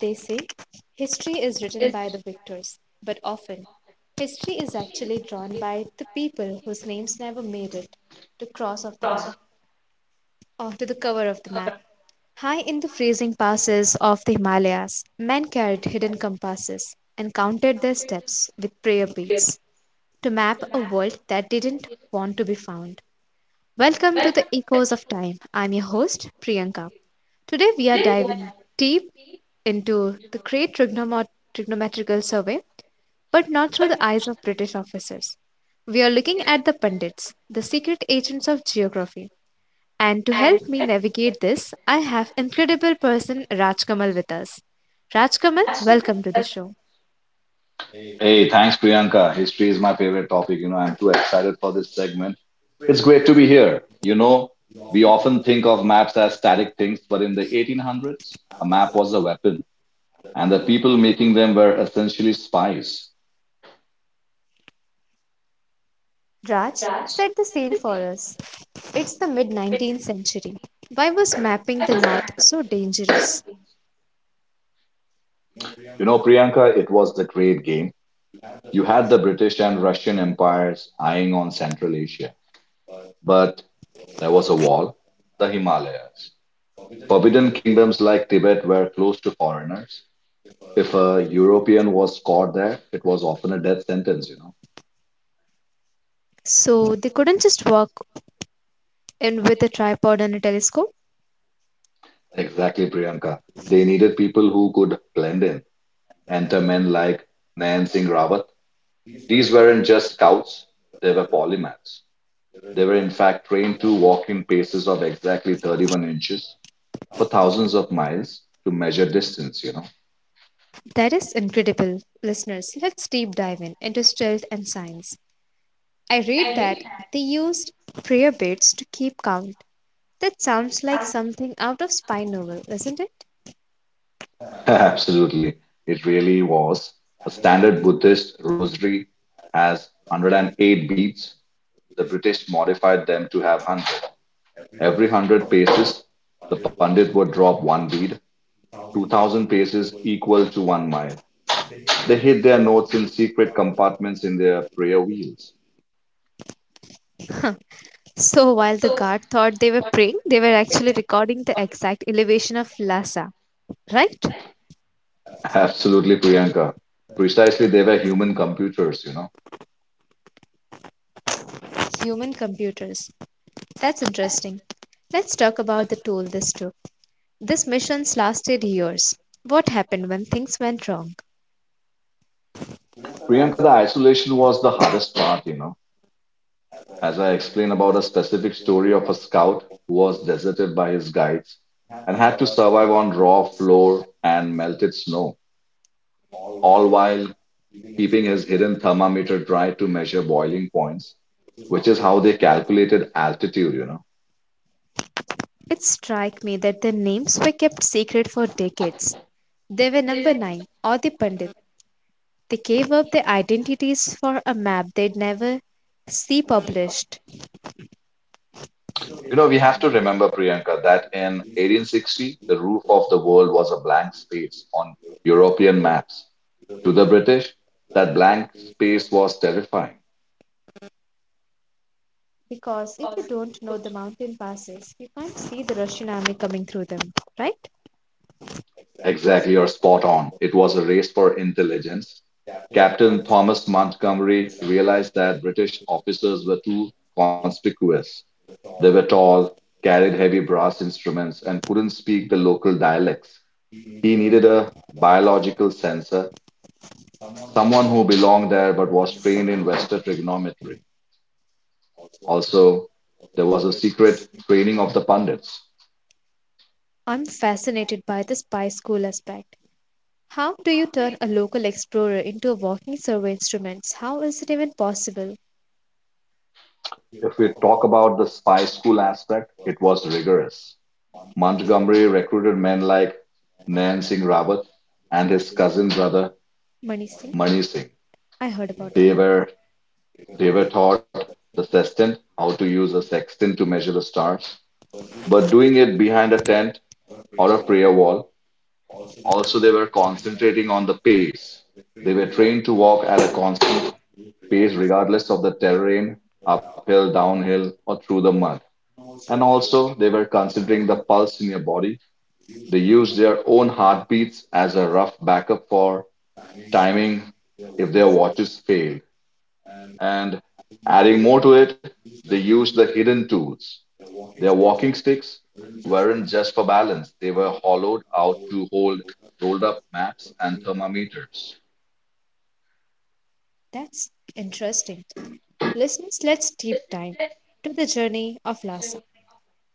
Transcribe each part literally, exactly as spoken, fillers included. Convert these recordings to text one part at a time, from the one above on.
They say history is written by the victors, but often history is actually drawn by the people whose names never made it to cross off the map or to the cover of the map. High in the freezing passes of the Himalayas, men carried hidden compasses and counted their steps with prayer beads to map a world that didn't want to be found. Welcome to the Echoes of Time. I'm your host, Priyanka. Today we are diving deep into the Great trigonomo- Trigonometrical Survey, but not through the eyes of British officers. We are looking at the pundits, the secret agents of geography. And to help me navigate this, I have incredible person Rajkamal with us. Rajkamal, welcome to the show. Hey, thanks, Priyanka. History is my favorite topic. You know, I'm too excited for this segment. It's great to be here. You know, we often think of maps as static things, but in the eighteen hundreds, a map was a weapon, and the people making them were essentially spies. Raj, set the scene for us. It's the mid nineteenth century. Why was mapping the north so dangerous? You know, Priyanka, it was the great game. You had the British and Russian empires eyeing on Central Asia, but there was a wall, the Himalayas. Forbidden kingdoms like Tibet were closed to foreigners. If a European was caught there, it was often a death sentence, you know. So they couldn't just walk in with a tripod and a telescope? Exactly, Priyanka. They needed people who could blend in. Enter men like Nayan Singh Rawat. These weren't just scouts, they were polymaths. They were in fact trained to walk in paces of exactly thirty-one inches for thousands of miles to measure distance, you know. That is incredible. Listeners, let's deep dive in into stealth and science. I read that they used prayer beads to keep count. That sounds like something out of spy novel, isn't it? Absolutely. It really was. A standard Buddhist rosary has one hundred eight beads. The British modified them to have one hundred. Every one hundred paces, the Pandit would drop one bead, two thousand paces equal to one mile. They hid their notes in secret compartments in their prayer wheels. So while the guard thought they were praying, they were actually recording the exact elevation of Lhasa, right? Absolutely, Priyanka. Precisely, they were human computers, you know. Human computers. That's interesting. Let's talk about the toll this took. These missions lasted years. What happened when things went wrong? Priyanka, the isolation was the hardest part, you know. As I explain about a specific story of a scout who was deserted by his guides and had to survive on raw flour and melted snow, all while keeping his hidden thermometer dry to measure boiling points, which is how they calculated altitude, you know. It struck me that their names were kept secret for decades. They were number nine or the Pandit. They gave up their identities for a map they'd never see published. You know, we have to remember, Priyanka, that in eighteen sixty, the roof of the world was a blank space on European maps. To the British, that blank space was terrifying. Because if you don't know the mountain passes, you can't see the Russian army coming through them, right? Exactly, you're spot on. It was a race for intelligence. Captain Thomas Montgomery realized that British officers were too conspicuous. They were tall, carried heavy brass instruments, and couldn't speak the local dialects. He needed a biological sensor, someone who belonged there but was trained in Western trigonometry. Also, there was a secret training of the pundits. I'm fascinated by the spy school aspect. How do you turn a local explorer into a walking survey instrument? How is it even possible? If we talk about the spy school aspect, it was rigorous. Montgomery recruited men like Nain Singh Rawat and his cousin brother Manish. Singh? Mani Singh. I heard about They that. were they were taught the sextant, how to use a sextant to measure the stars, but doing it behind a tent or a prayer wall. Also, they were concentrating on the pace. They were trained to walk at a constant pace regardless of the terrain, uphill, downhill, or through the mud. And also, they were considering the pulse in your body. They use their own heartbeats as a rough backup for timing if their watches failed. And adding more to it, they used the hidden tools. Their walking sticks weren't just for balance, they were hollowed out to hold rolled up maps and thermometers. That's interesting. Listeners, let's deep dive to the journey of Lhasa.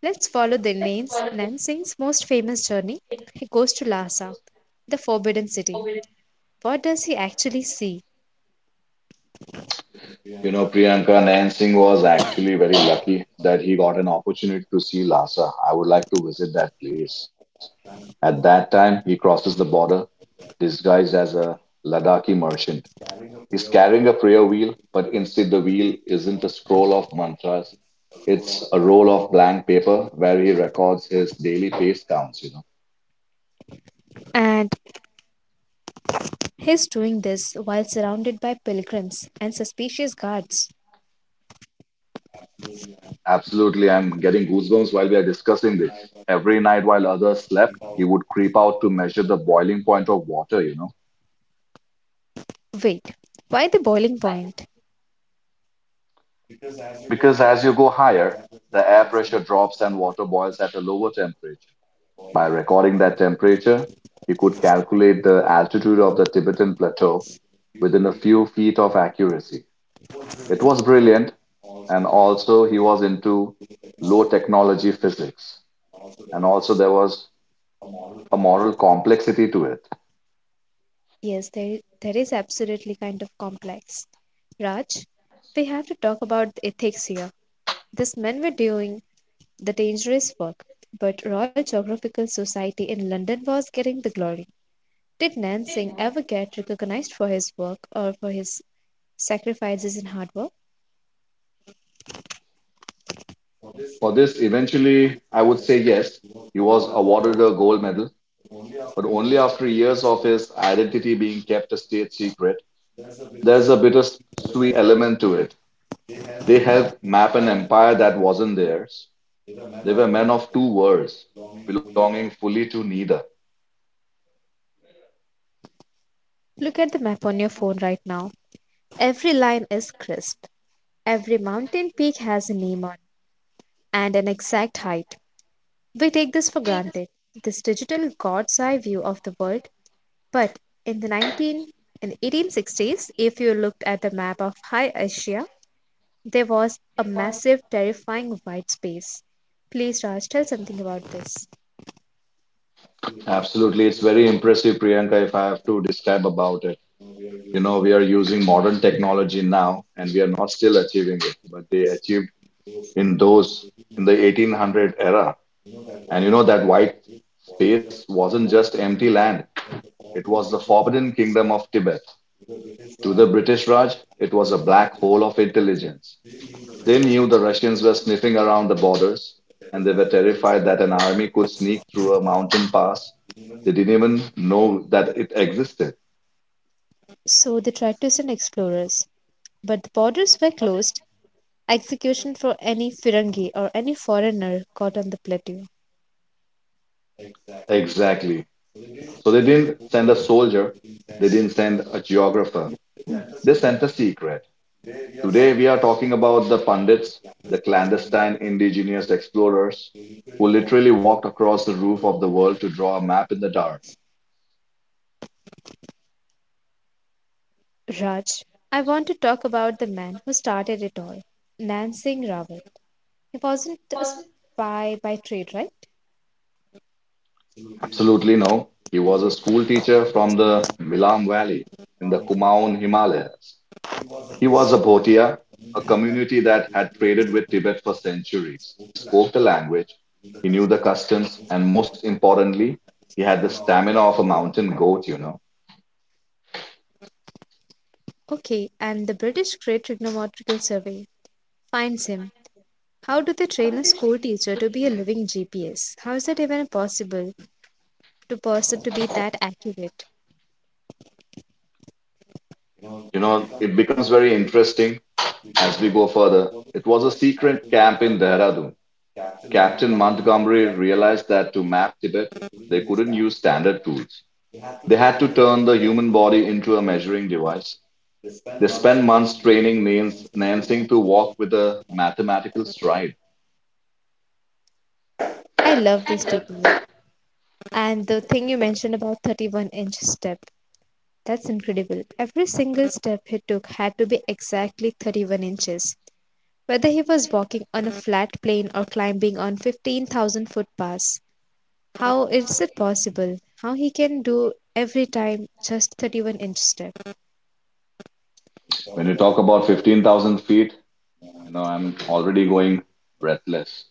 Let's follow the Nan's, Nansen's most famous journey. He goes to Lhasa, the forbidden city. What does he actually see? You know, Priyanka, Nayan Singh was actually very lucky that he got an opportunity to see Lhasa. I would like to visit that place. At that time, he crosses the border disguised as a Ladakhi merchant. He's carrying a prayer wheel, but instead the wheel isn't a scroll of mantras. It's a roll of blank paper where he records his daily pace counts, you know. And he's doing this while surrounded by pilgrims and suspicious guards. Absolutely, I'm getting goosebumps while we are discussing this. Every night while others slept, he would creep out to measure the boiling point of water, you know. Wait, why the boiling point? Because as you go higher, the air pressure drops and water boils at a lower temperature. By recording that temperature, he could calculate the altitude of the Tibetan plateau within a few feet of accuracy. It was brilliant, and also he was into low technology physics, and also there was a moral complexity to it. Yes, there, there is absolutely kind of complex. Raj, we have to talk about the ethics here. These men were doing the dangerous work, but Royal Geographical Society in London was getting the glory. Did Nan Singh ever get recognized for his work or for his sacrifices and hard work? For this, eventually, I would say yes, he was awarded a gold medal, but only after years of his identity being kept a state secret. There's a bittersweet element to it. They helped map an empire that wasn't theirs. They were men of two worlds, belonging fully to neither. Look at the map on your phone right now. Every line is crisp. Every mountain peak has a name on and an exact height. We take this for granted, this digital god's eye view of the world, but in the nineteen in the eighteen sixties, if you looked at the map of High Asia, there was a massive, terrifying white space. Please, Raj, tell something about this. Absolutely, it's very impressive, Priyanka, if I have to describe about it. You know, we are using modern technology now and we are not still achieving it, but they achieved in those in the eighteen hundred era. And you know, that white space wasn't just empty land, it was the forbidden kingdom of Tibet. To the British Raj, it was a black hole of intelligence. They knew the Russians were sniffing around the borders, and they were terrified that an army could sneak through a mountain pass. They didn't even know that it existed. So they tried to send explorers, but the borders were closed. Execution for any Firangi or any foreigner caught on the plateau. Exactly. So they didn't send a soldier, they didn't send a geographer. They sent a secret. Today, we are talking about the Pandits, the clandestine indigenous explorers who literally walked across the roof of the world to draw a map in the dark. Raj, I want to talk about the man who started it all, Nan Singh Rawal. He wasn't a spy by trade, right? Absolutely no. He was a school teacher from the Milam Valley in the Kumaon Himalayas. He was a Bhotia, a community that had traded with Tibet for centuries. He spoke the language, he knew the customs, and most importantly, he had the stamina of a mountain goat, you know. Okay, and the British Great Trigonometrical Survey finds him. How do they train a school teacher to be a living G P S? How is that even possible? To person to be that accurate. You know, it becomes very interesting as we go further. It was a secret camp in Dehradun. Captain Montgomery realized that to map Tibet, they couldn't use standard tools. They had to turn the human body into a measuring device. They spent months training Nans- Nansing to walk with a mathematical stride. I love this detail. And the thing you mentioned about thirty-one inch step, that's incredible. Every single step he took had to be exactly thirty-one inches. Whether he was walking on a flat plane or climbing on fifteen thousand foot pass, how is it possible? How he can do every time just thirty-one inch step? When you talk about fifteen thousand feet, you know, I'm already going breathless.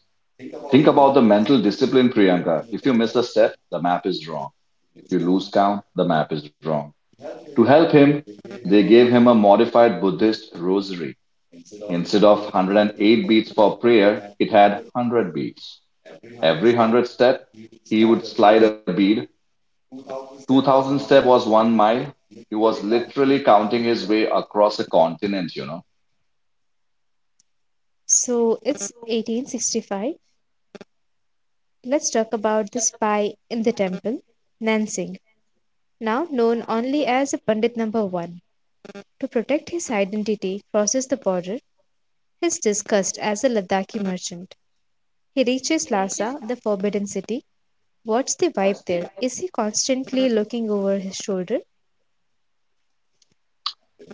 Think about the mental discipline, Priyanka. If you miss a step, the map is wrong. If you lose count, the map is wrong. To help him, they gave him a modified Buddhist rosary. Instead of one hundred eight beats for prayer, it had one hundred beats. Every one hundred step, he would slide a bead. two thousand step was one mile. He was literally counting his way across a continent, you know. So it's eighteen sixty-five. Let's talk about the spy in the temple, Nansingh now known only as Pandit Number one, to protect his identity, crosses the border, is discussed as a Ladakhi merchant. He reaches Lhasa, the forbidden city. What's the vibe there? Is he constantly looking over his shoulder?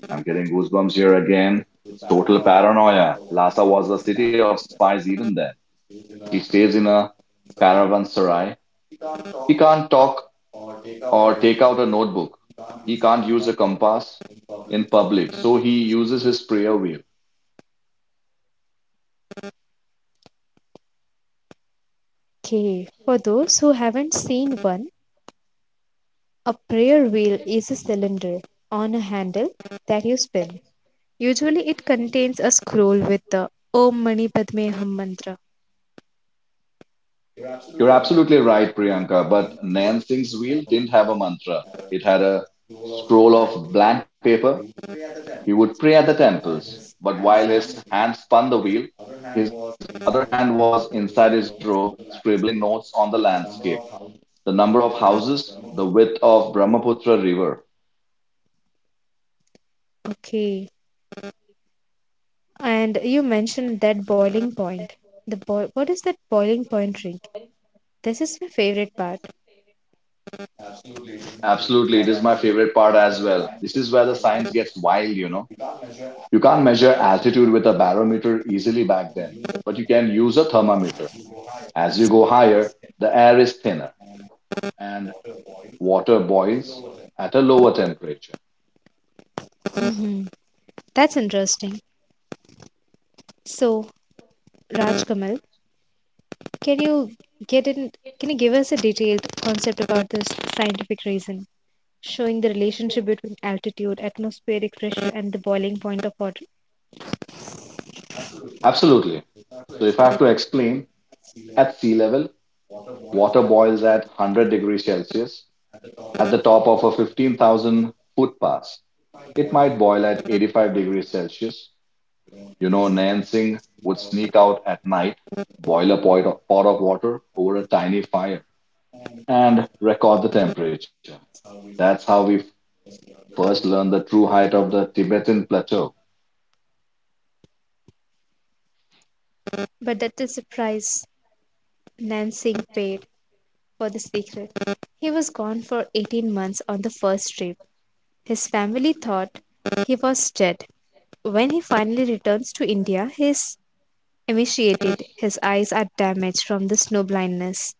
I'm getting goosebumps here again. It's total paranoia. Lhasa was a city of spies even then. He stays in a caravanserai. He can't talk or take out a notebook. He can't use a compass in public, so he uses his prayer wheel. Okay, for those who haven't seen one, a prayer wheel is a cylinder on a handle that you spin. Usually, it contains a scroll with the Om Mani Padme Hum mantra. You're absolutely right, Priyanka, but Nan Singh's wheel didn't have a mantra. It had a scroll of blank paper. He would pray at the temples, but while his hand spun the wheel, his other hand was inside his robe, scribbling notes on the landscape, the number of houses, the width of Brahmaputra river. Okay, and you mentioned that boiling point. The boi- what is that boiling point drink? This is my favorite part. Absolutely, it is my favorite part as well. This is where the science gets wild, you know. You can't measure altitude with a barometer easily back then, but you can use a thermometer. As you go higher, the air is thinner and water boils at a lower temperature. Mm-hmm. That's interesting. So, Raj Kamal, can you get in, can you give us a detailed concept about this scientific reason, showing the relationship between altitude, atmospheric pressure, and the boiling point of water? Absolutely. So, if I have to explain, at sea level, water boils at one hundred degrees Celsius at the top of a fifteen thousand foot pass. It might boil at eighty-five degrees Celsius. You know, Nansing would sneak out at night, boil a pot of, pot of water over a tiny fire, and record the temperature. That's how we first learned the true height of the Tibetan plateau. But that is the price Nan Singh paid for the secret. He was gone for eighteen months on the first trip. His family thought he was dead. When he finally returns to India, he is emaciated. His eyes are damaged from the snow blindness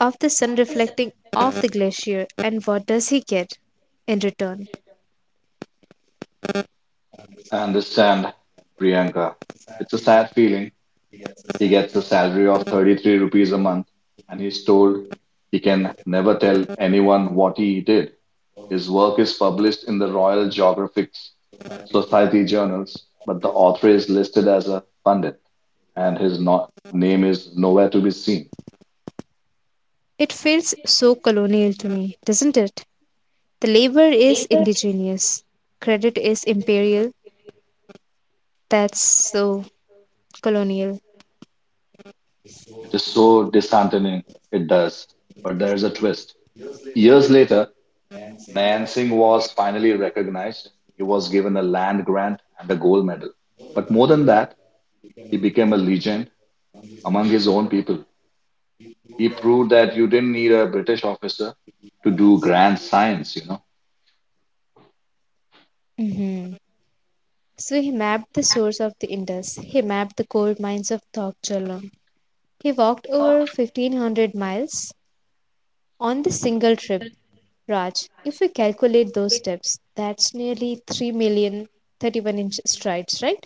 of the sun reflecting off the glacier, and what does he get in return? I understand, Priyanka. It's a sad feeling. He gets a salary of thirty-three rupees a month, and he's told he can never tell anyone what he did. His work is published in the Royal Geographic Society journals, but the author is listed as a pundit, and his no- name is nowhere to be seen. It feels so colonial to me, doesn't it? The labor is indigenous, credit is imperial. That's so colonial. It is so disheartening, it does, but there's a twist. Years later, Nan Singh was finally recognized. He was given a land grant and a gold medal. But more than that, he became a legend among his own people. He proved that you didn't need a British officer to do grand science, you know. Hmm. So he mapped the source of the Indus. He mapped the coal mines of Thokjala. He walked over fifteen hundred miles on the single trip. Raj, if we calculate those steps, that's nearly three million thirty-one inch strides, right?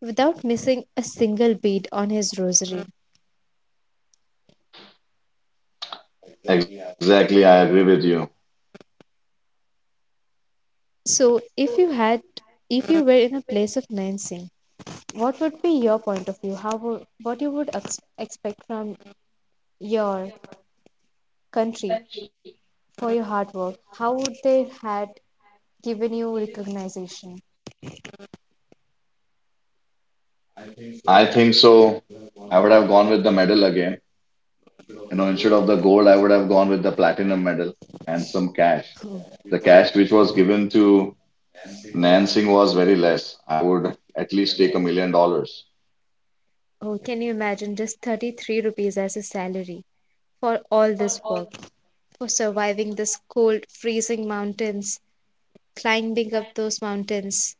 Without missing a single beat on his rosary. Exactly, I agree with you. So, if you had, if you were in a place of Nancy, what would be your point of view? How would, what you would ex- expect from your country for your hard work? How would they had given you recognition? I think so. I would have gone with the medal again. You know, instead of the gold, I would have gone with the platinum medal and some cash. Oh, The cash which was given to Nan Singh was very less. I would at least take a million dollars. oh, can you imagine just thirty-three rupees as a salary for all this work, for surviving this cold, freezing mountains, climbing up those mountains,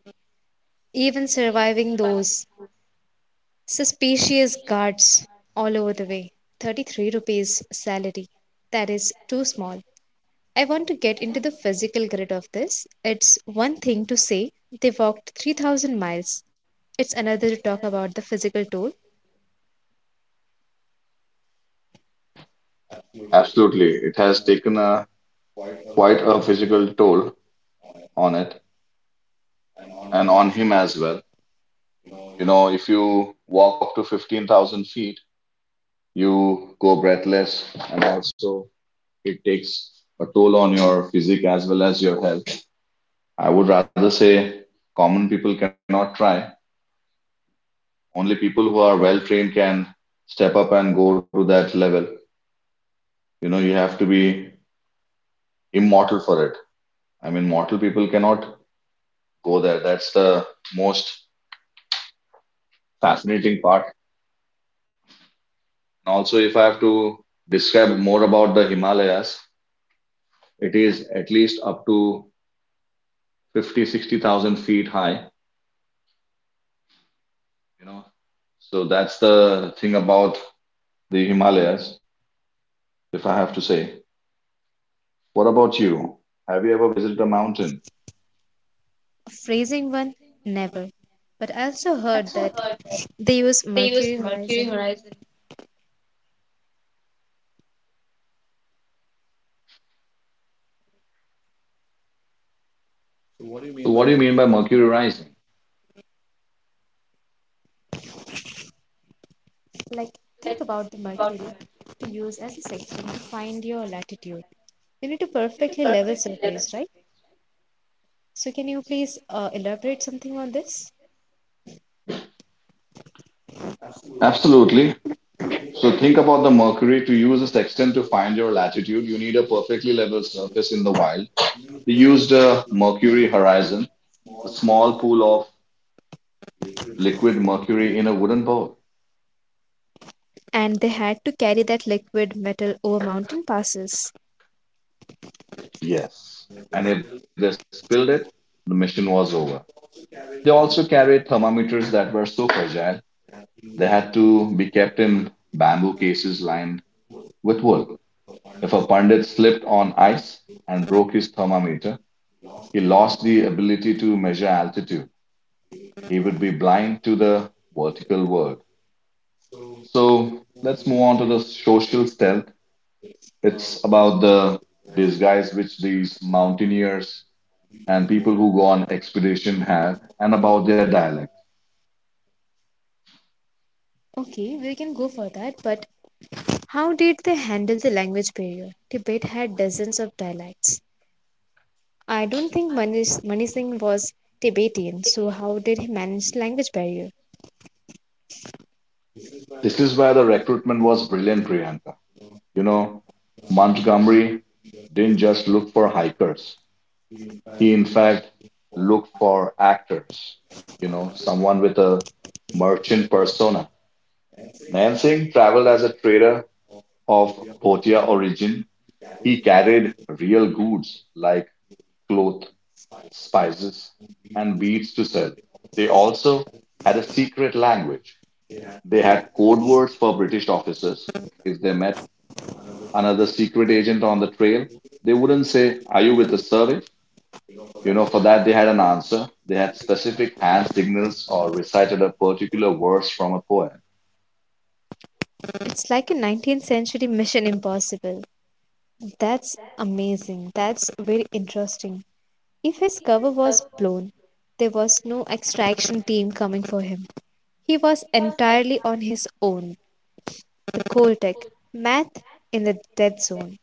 even surviving those suspicious guards all over the way. thirty-three rupees salary. That is too small. I want to get into the physical grid of this. It's one thing to say they walked three thousand miles. It's another to talk about the physical toll. Absolutely. It has taken a quite a physical toll on it and on him as well. You know, if you walk up to fifteen thousand feet, you go breathless, and also it takes a toll on your physique as well as your health. I would rather say common people cannot try. Only people who are well trained can step up and go to that level. You know, you have to be immortal for it. I mean, mortal people cannot go there. That's the most fascinating part. And also, if I have to describe more about the Himalayas, it is at least up to Fifty, sixty thousand feet high, you know. So that's the thing about the Himalayas, if I have to say. What about you? Have you ever visited a mountain? Phrasing one, never. But I also heard that they use Mercury horizon. So what do you mean by Mercury rising? Like, think about the Mercury to use as a section to find your latitude. You need to perfectly level surface, right? So, can you please uh, elaborate something on this? Absolutely. So think about the Mercury. To use a sextant to find your latitude, you need a perfectly level surface in the wild. They used a Mercury horizon, a small pool of liquid mercury in a wooden bowl. And they had to carry that liquid metal over mountain passes. Yes. And if they spilled it, the mission was over. They also carried thermometers that were so fragile they had to be kept in bamboo cases lined with wool. If a pundit slipped on ice and broke his thermometer, he lost the ability to measure altitude. He would be blind to the vertical world. So let's move on to the social stealth. It's about the disguise which these mountaineers and people who go on expedition have and about their dialect. Okay, we can go for that, but how did they handle the language barrier? Tibet had dozens of dialects. I don't think Mani Mani Singh was Tibetan, so how did he manage the language barrier? This is where the recruitment was brilliant, Priyanka. You know, Montgomery didn't just look for hikers. He, in fact, looked for actors, you know, someone with a merchant persona. Nansing traveled as a trader of Bhotia origin. He carried real goods like cloth, spices, and beads to sell. They also had a secret language. They had code words for British officers. If they met another secret agent on the trail, they wouldn't say, "Are you with the survey?" You know, for that, they had an answer. They had specific hand signals or recited a particular verse from a poem. It's like a nineteenth century mission impossible. That's amazing. That's very interesting. If his cover was blown, there was no extraction team coming for him. He was entirely on his own, the Coltec, math in the dead zone.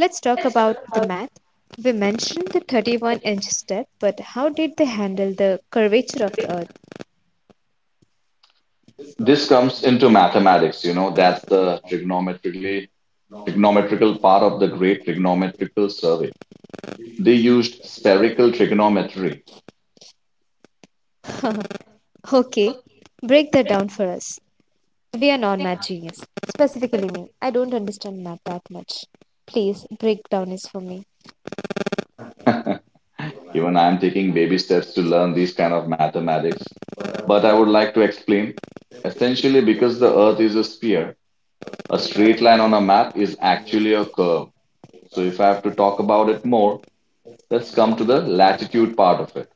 Let's talk about the math. We mentioned the thirty-one inch step, but how did they handle the curvature of the earth? This comes into mathematics, you know, that's the trigonometrically trigonometrical part of the great trigonometrical survey. They used spherical trigonometry. Okay, break that down for us. We are non math genius. Specifically me. I don't understand math that much. Please break down this for me. Even I'm taking baby steps to learn these kind of mathematics. But I would like to explain. Essentially, because the Earth is a sphere, a straight line on a map is actually a curve. So if I have to talk about it more, let's come to the latitude part of it.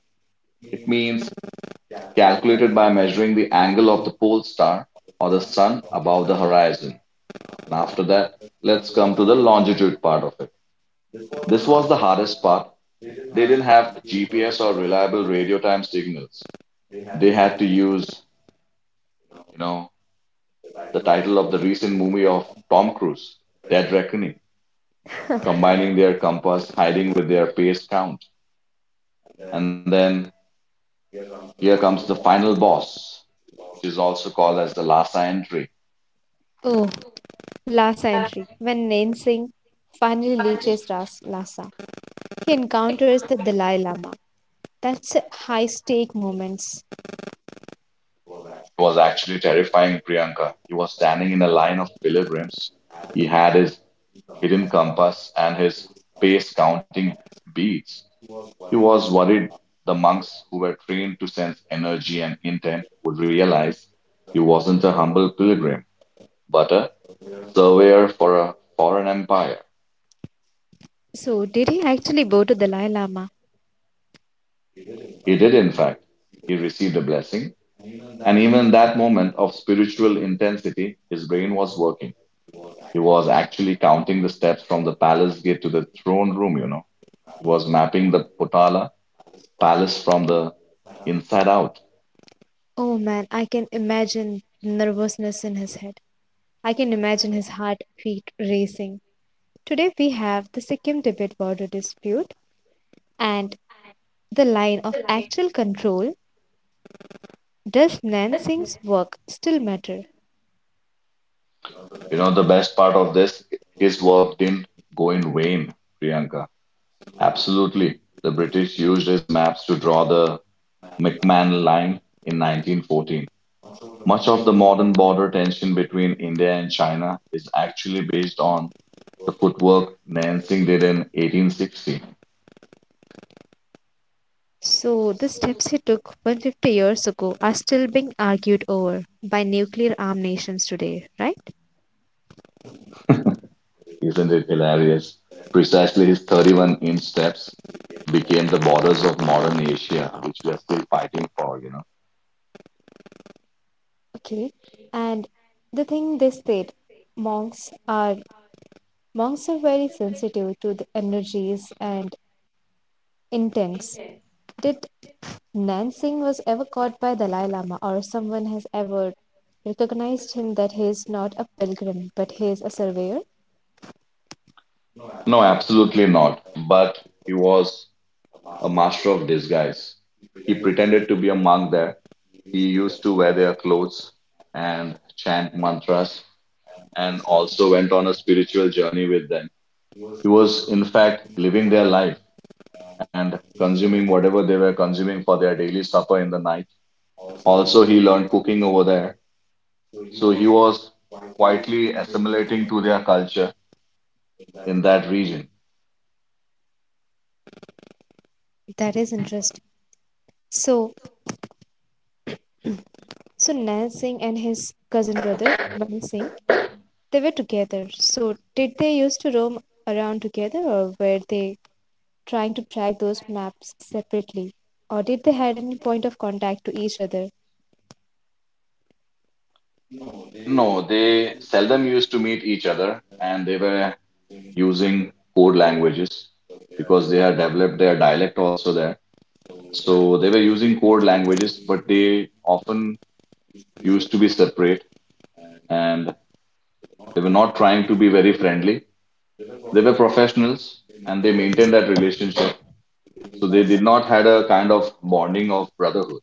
It means calculated by measuring the angle of the pole star or the sun above the horizon. And after that, let's come to the longitude part of it. This was the hardest part. They didn't have G P S or reliable radio time signals. They had to use, you know, the title of the recent movie of Tom Cruise, Dead Reckoning, combining their compass, hiding with their pace count. And then here comes the final boss, which is also called as the Lhasa entry. It Oh, Lhasa entry. When Nansingh finally reaches Ras- Lhasa, he encounters the Dalai Lama. That's a high stake moments. was actually terrifying, Priyanka. He was standing in a line of pilgrims. He had his hidden compass and his pace counting beads. He was worried the monks who were trained to sense energy and intent would realize he wasn't a humble pilgrim, but a surveyor for a foreign empire. So, did he actually go to Dalai Lama? He did, in fact. He received a blessing. And even in that moment of spiritual intensity, his brain was working. He was actually counting the steps from the palace gate to the throne room, you know. He was mapping the Potala palace from the inside out. Oh man, I can imagine the nervousness in his head. I can imagine his heartbeat racing. Today we have the Sikkim Tibet border dispute and the line of actual control. Does Nansingh's work still matter? You know, the best part of this, his work didn't go in vain, Priyanka. Absolutely. The British used his maps to draw the McMahon line in nineteen fourteen. Much of the modern border tension between India and China is actually based on the footwork Nansing did in eighteen sixty. So, the steps he took one hundred fifty years ago are still being argued over by nuclear armed nations today, right? Isn't it hilarious? Precisely his thirty-one inch steps became the borders of modern Asia, which we are still fighting for, you know. Okay. And the thing they said, monks are monks are very sensitive to the energies and intents. Did Nansing was ever caught by Dalai Lama or someone has ever recognized him that he is not a pilgrim but he is a surveyor? No, absolutely not. But he was a master of disguise. He pretended to be a monk there. He used to wear their clothes and chant mantras and also went on a spiritual journey with them. He was, in fact, living their life and consuming whatever they were consuming for their daily supper in the night. Also, he learned cooking over there. So he was quietly assimilating to their culture in that region. That is interesting. So so Nansing and his cousin brother, Mani Singh, they were together. So, did they used to roam around together, or were they trying to track those maps separately? Or did they had any point of contact to each other? No, they seldom used to meet each other and they were using code languages because they had developed their dialect also there. So they were using code languages, but they often used to be separate and they were not trying to be very friendly. They were professionals and they maintained that relationship. So they did not had a kind of bonding of brotherhood.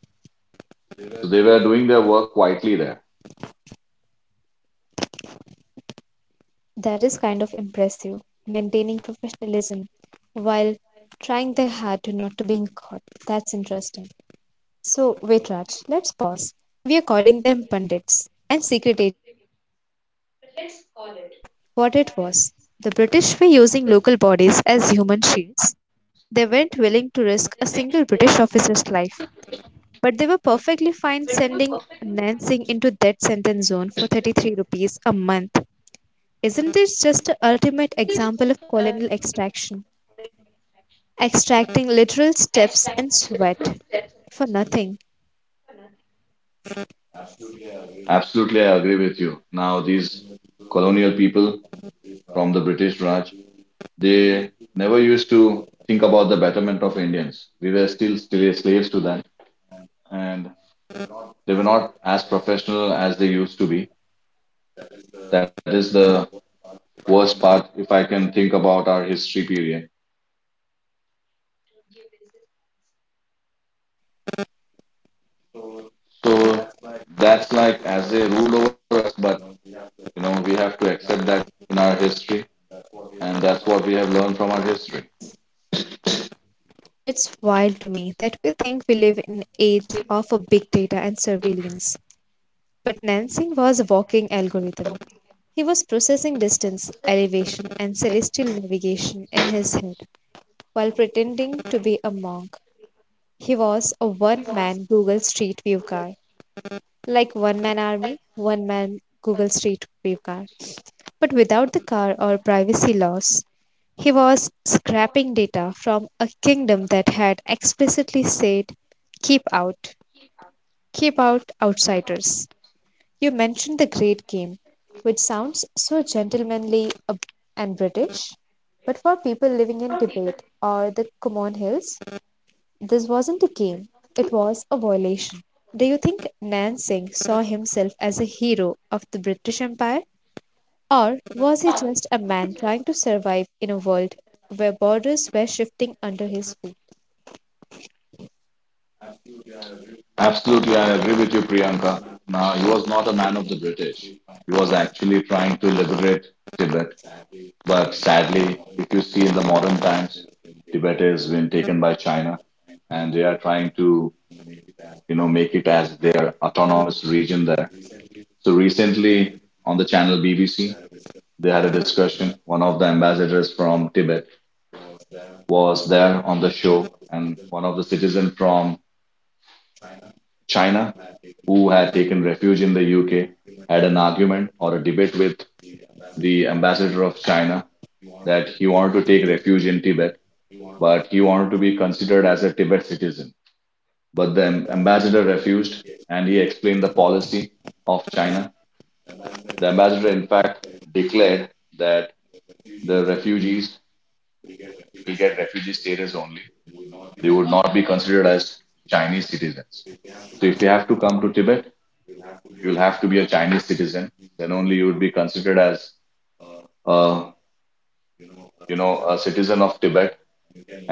So they were doing their work quietly there. That is kind of impressive, maintaining professionalism while trying their hard to not to being caught. That's interesting. So, wait, Raj, let's pause. We are calling them pundits and secret agents, but let's call it what it was. The British were using local bodies as human shields. They weren't willing to risk a single British officer's life, but they were perfectly fine sending Nansing into death sentence zone for thirty-three rupees a month. Isn't this just the ultimate example of colonial extraction? Extracting literal steps and sweat for nothing. Absolutely, I agree with you. Now these colonial people from the British Raj, they never used to think about the betterment of Indians. We were still still slaves to them, and they were not as professional as they used to be. That is the worst part, if I can think about our history period. So that's like as they ruled over us, but you know, we have to accept that in our history, and that's what we have learned from our history. It's wild to me that we think we live in an age of a big data and surveillance. But Nansing was a walking algorithm. He was processing distance, elevation, and celestial navigation in his head, while pretending to be a monk. He was a one man Google Street View car, like one man army, one man Google Street View car, but without the car or privacy laws. He was scraping data from a kingdom that had explicitly said, keep out, keep out outsiders. You mentioned the great game, which sounds so gentlemanly and British, but for people living in Tibet or the Kumon Hills, this wasn't a game, it was a violation. Do you think Nan Singh saw himself as a hero of the British Empire? Or was he just a man trying to survive in a world where borders were shifting under his feet? Absolutely, I agree with you, Priyanka. Now, he was not a man of the British. He was actually trying to liberate Tibet, but sadly, if you see in the modern times, Tibet has been taken by China, and they are trying to, you know, make it as their autonomous region there. So recently, on the channel B B C, they had a discussion. One of the ambassadors from Tibet was there on the show, and one of the citizens from China who had taken refuge in the U K had an argument or a debate with the ambassador of China that he wanted to take refuge in Tibet, but he wanted to be considered as a Tibet citizen. But the ambassador refused and he explained the policy of China. The ambassador, in fact, declared that the refugees will get refugee status only. They would not be considered as Chinese citizens. So if you have to come to Tibet, you'll have to be a Chinese citizen. Then only you would be considered as, uh, you know, a citizen of Tibet,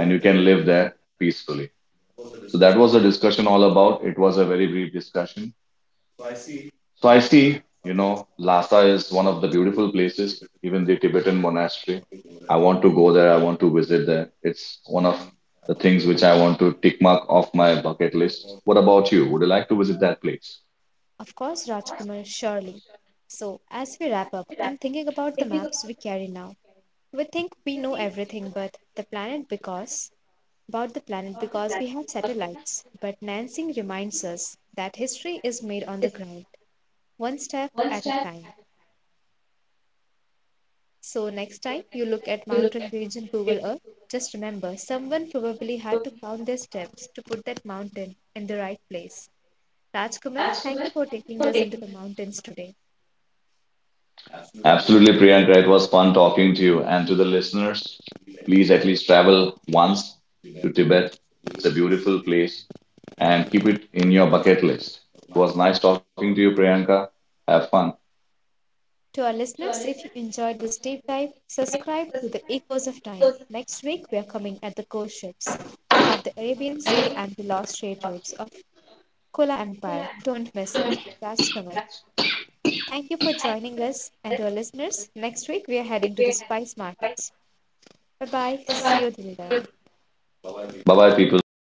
and you can live there peacefully. So that was the discussion all about. It was a very brief discussion. So I see, you know, Lhasa is one of the beautiful places, even the Tibetan monastery. I want to go there. I want to visit there. It's one of the things which I want to tick mark off my bucket list. What about you? Would you like to visit that place? Of course, Rajkumar, surely. So, as we wrap up, I'm thinking about the maps we carry now. We think we know everything but the planet because about the planet because we have satellites, but Nansing reminds us that history is made on the ground one step at a time. So, next time you look at mountain range in Google Earth, just remember someone probably had to count their steps to put that mountain in the right place. Rajkumar, thank you for taking us into the mountains today. Absolutely, Priyanka. It was fun talking to you and to the listeners. Please at least travel once to Tibet. It's a beautiful place and keep it in your bucket list. It was nice talking to you, Priyanka. Have fun. To our listeners, if you enjoyed this deep dive, subscribe to the Echoes of Time. Next week, we are coming at the ghost ships of the Arabian Sea and the lost trade routes of Kola Empire. Don't miss it. Rajkumar. Thank you for joining us and to our listeners. Next week, we are heading to the spice markets. Bye bye. See you till then. Bye bye, people.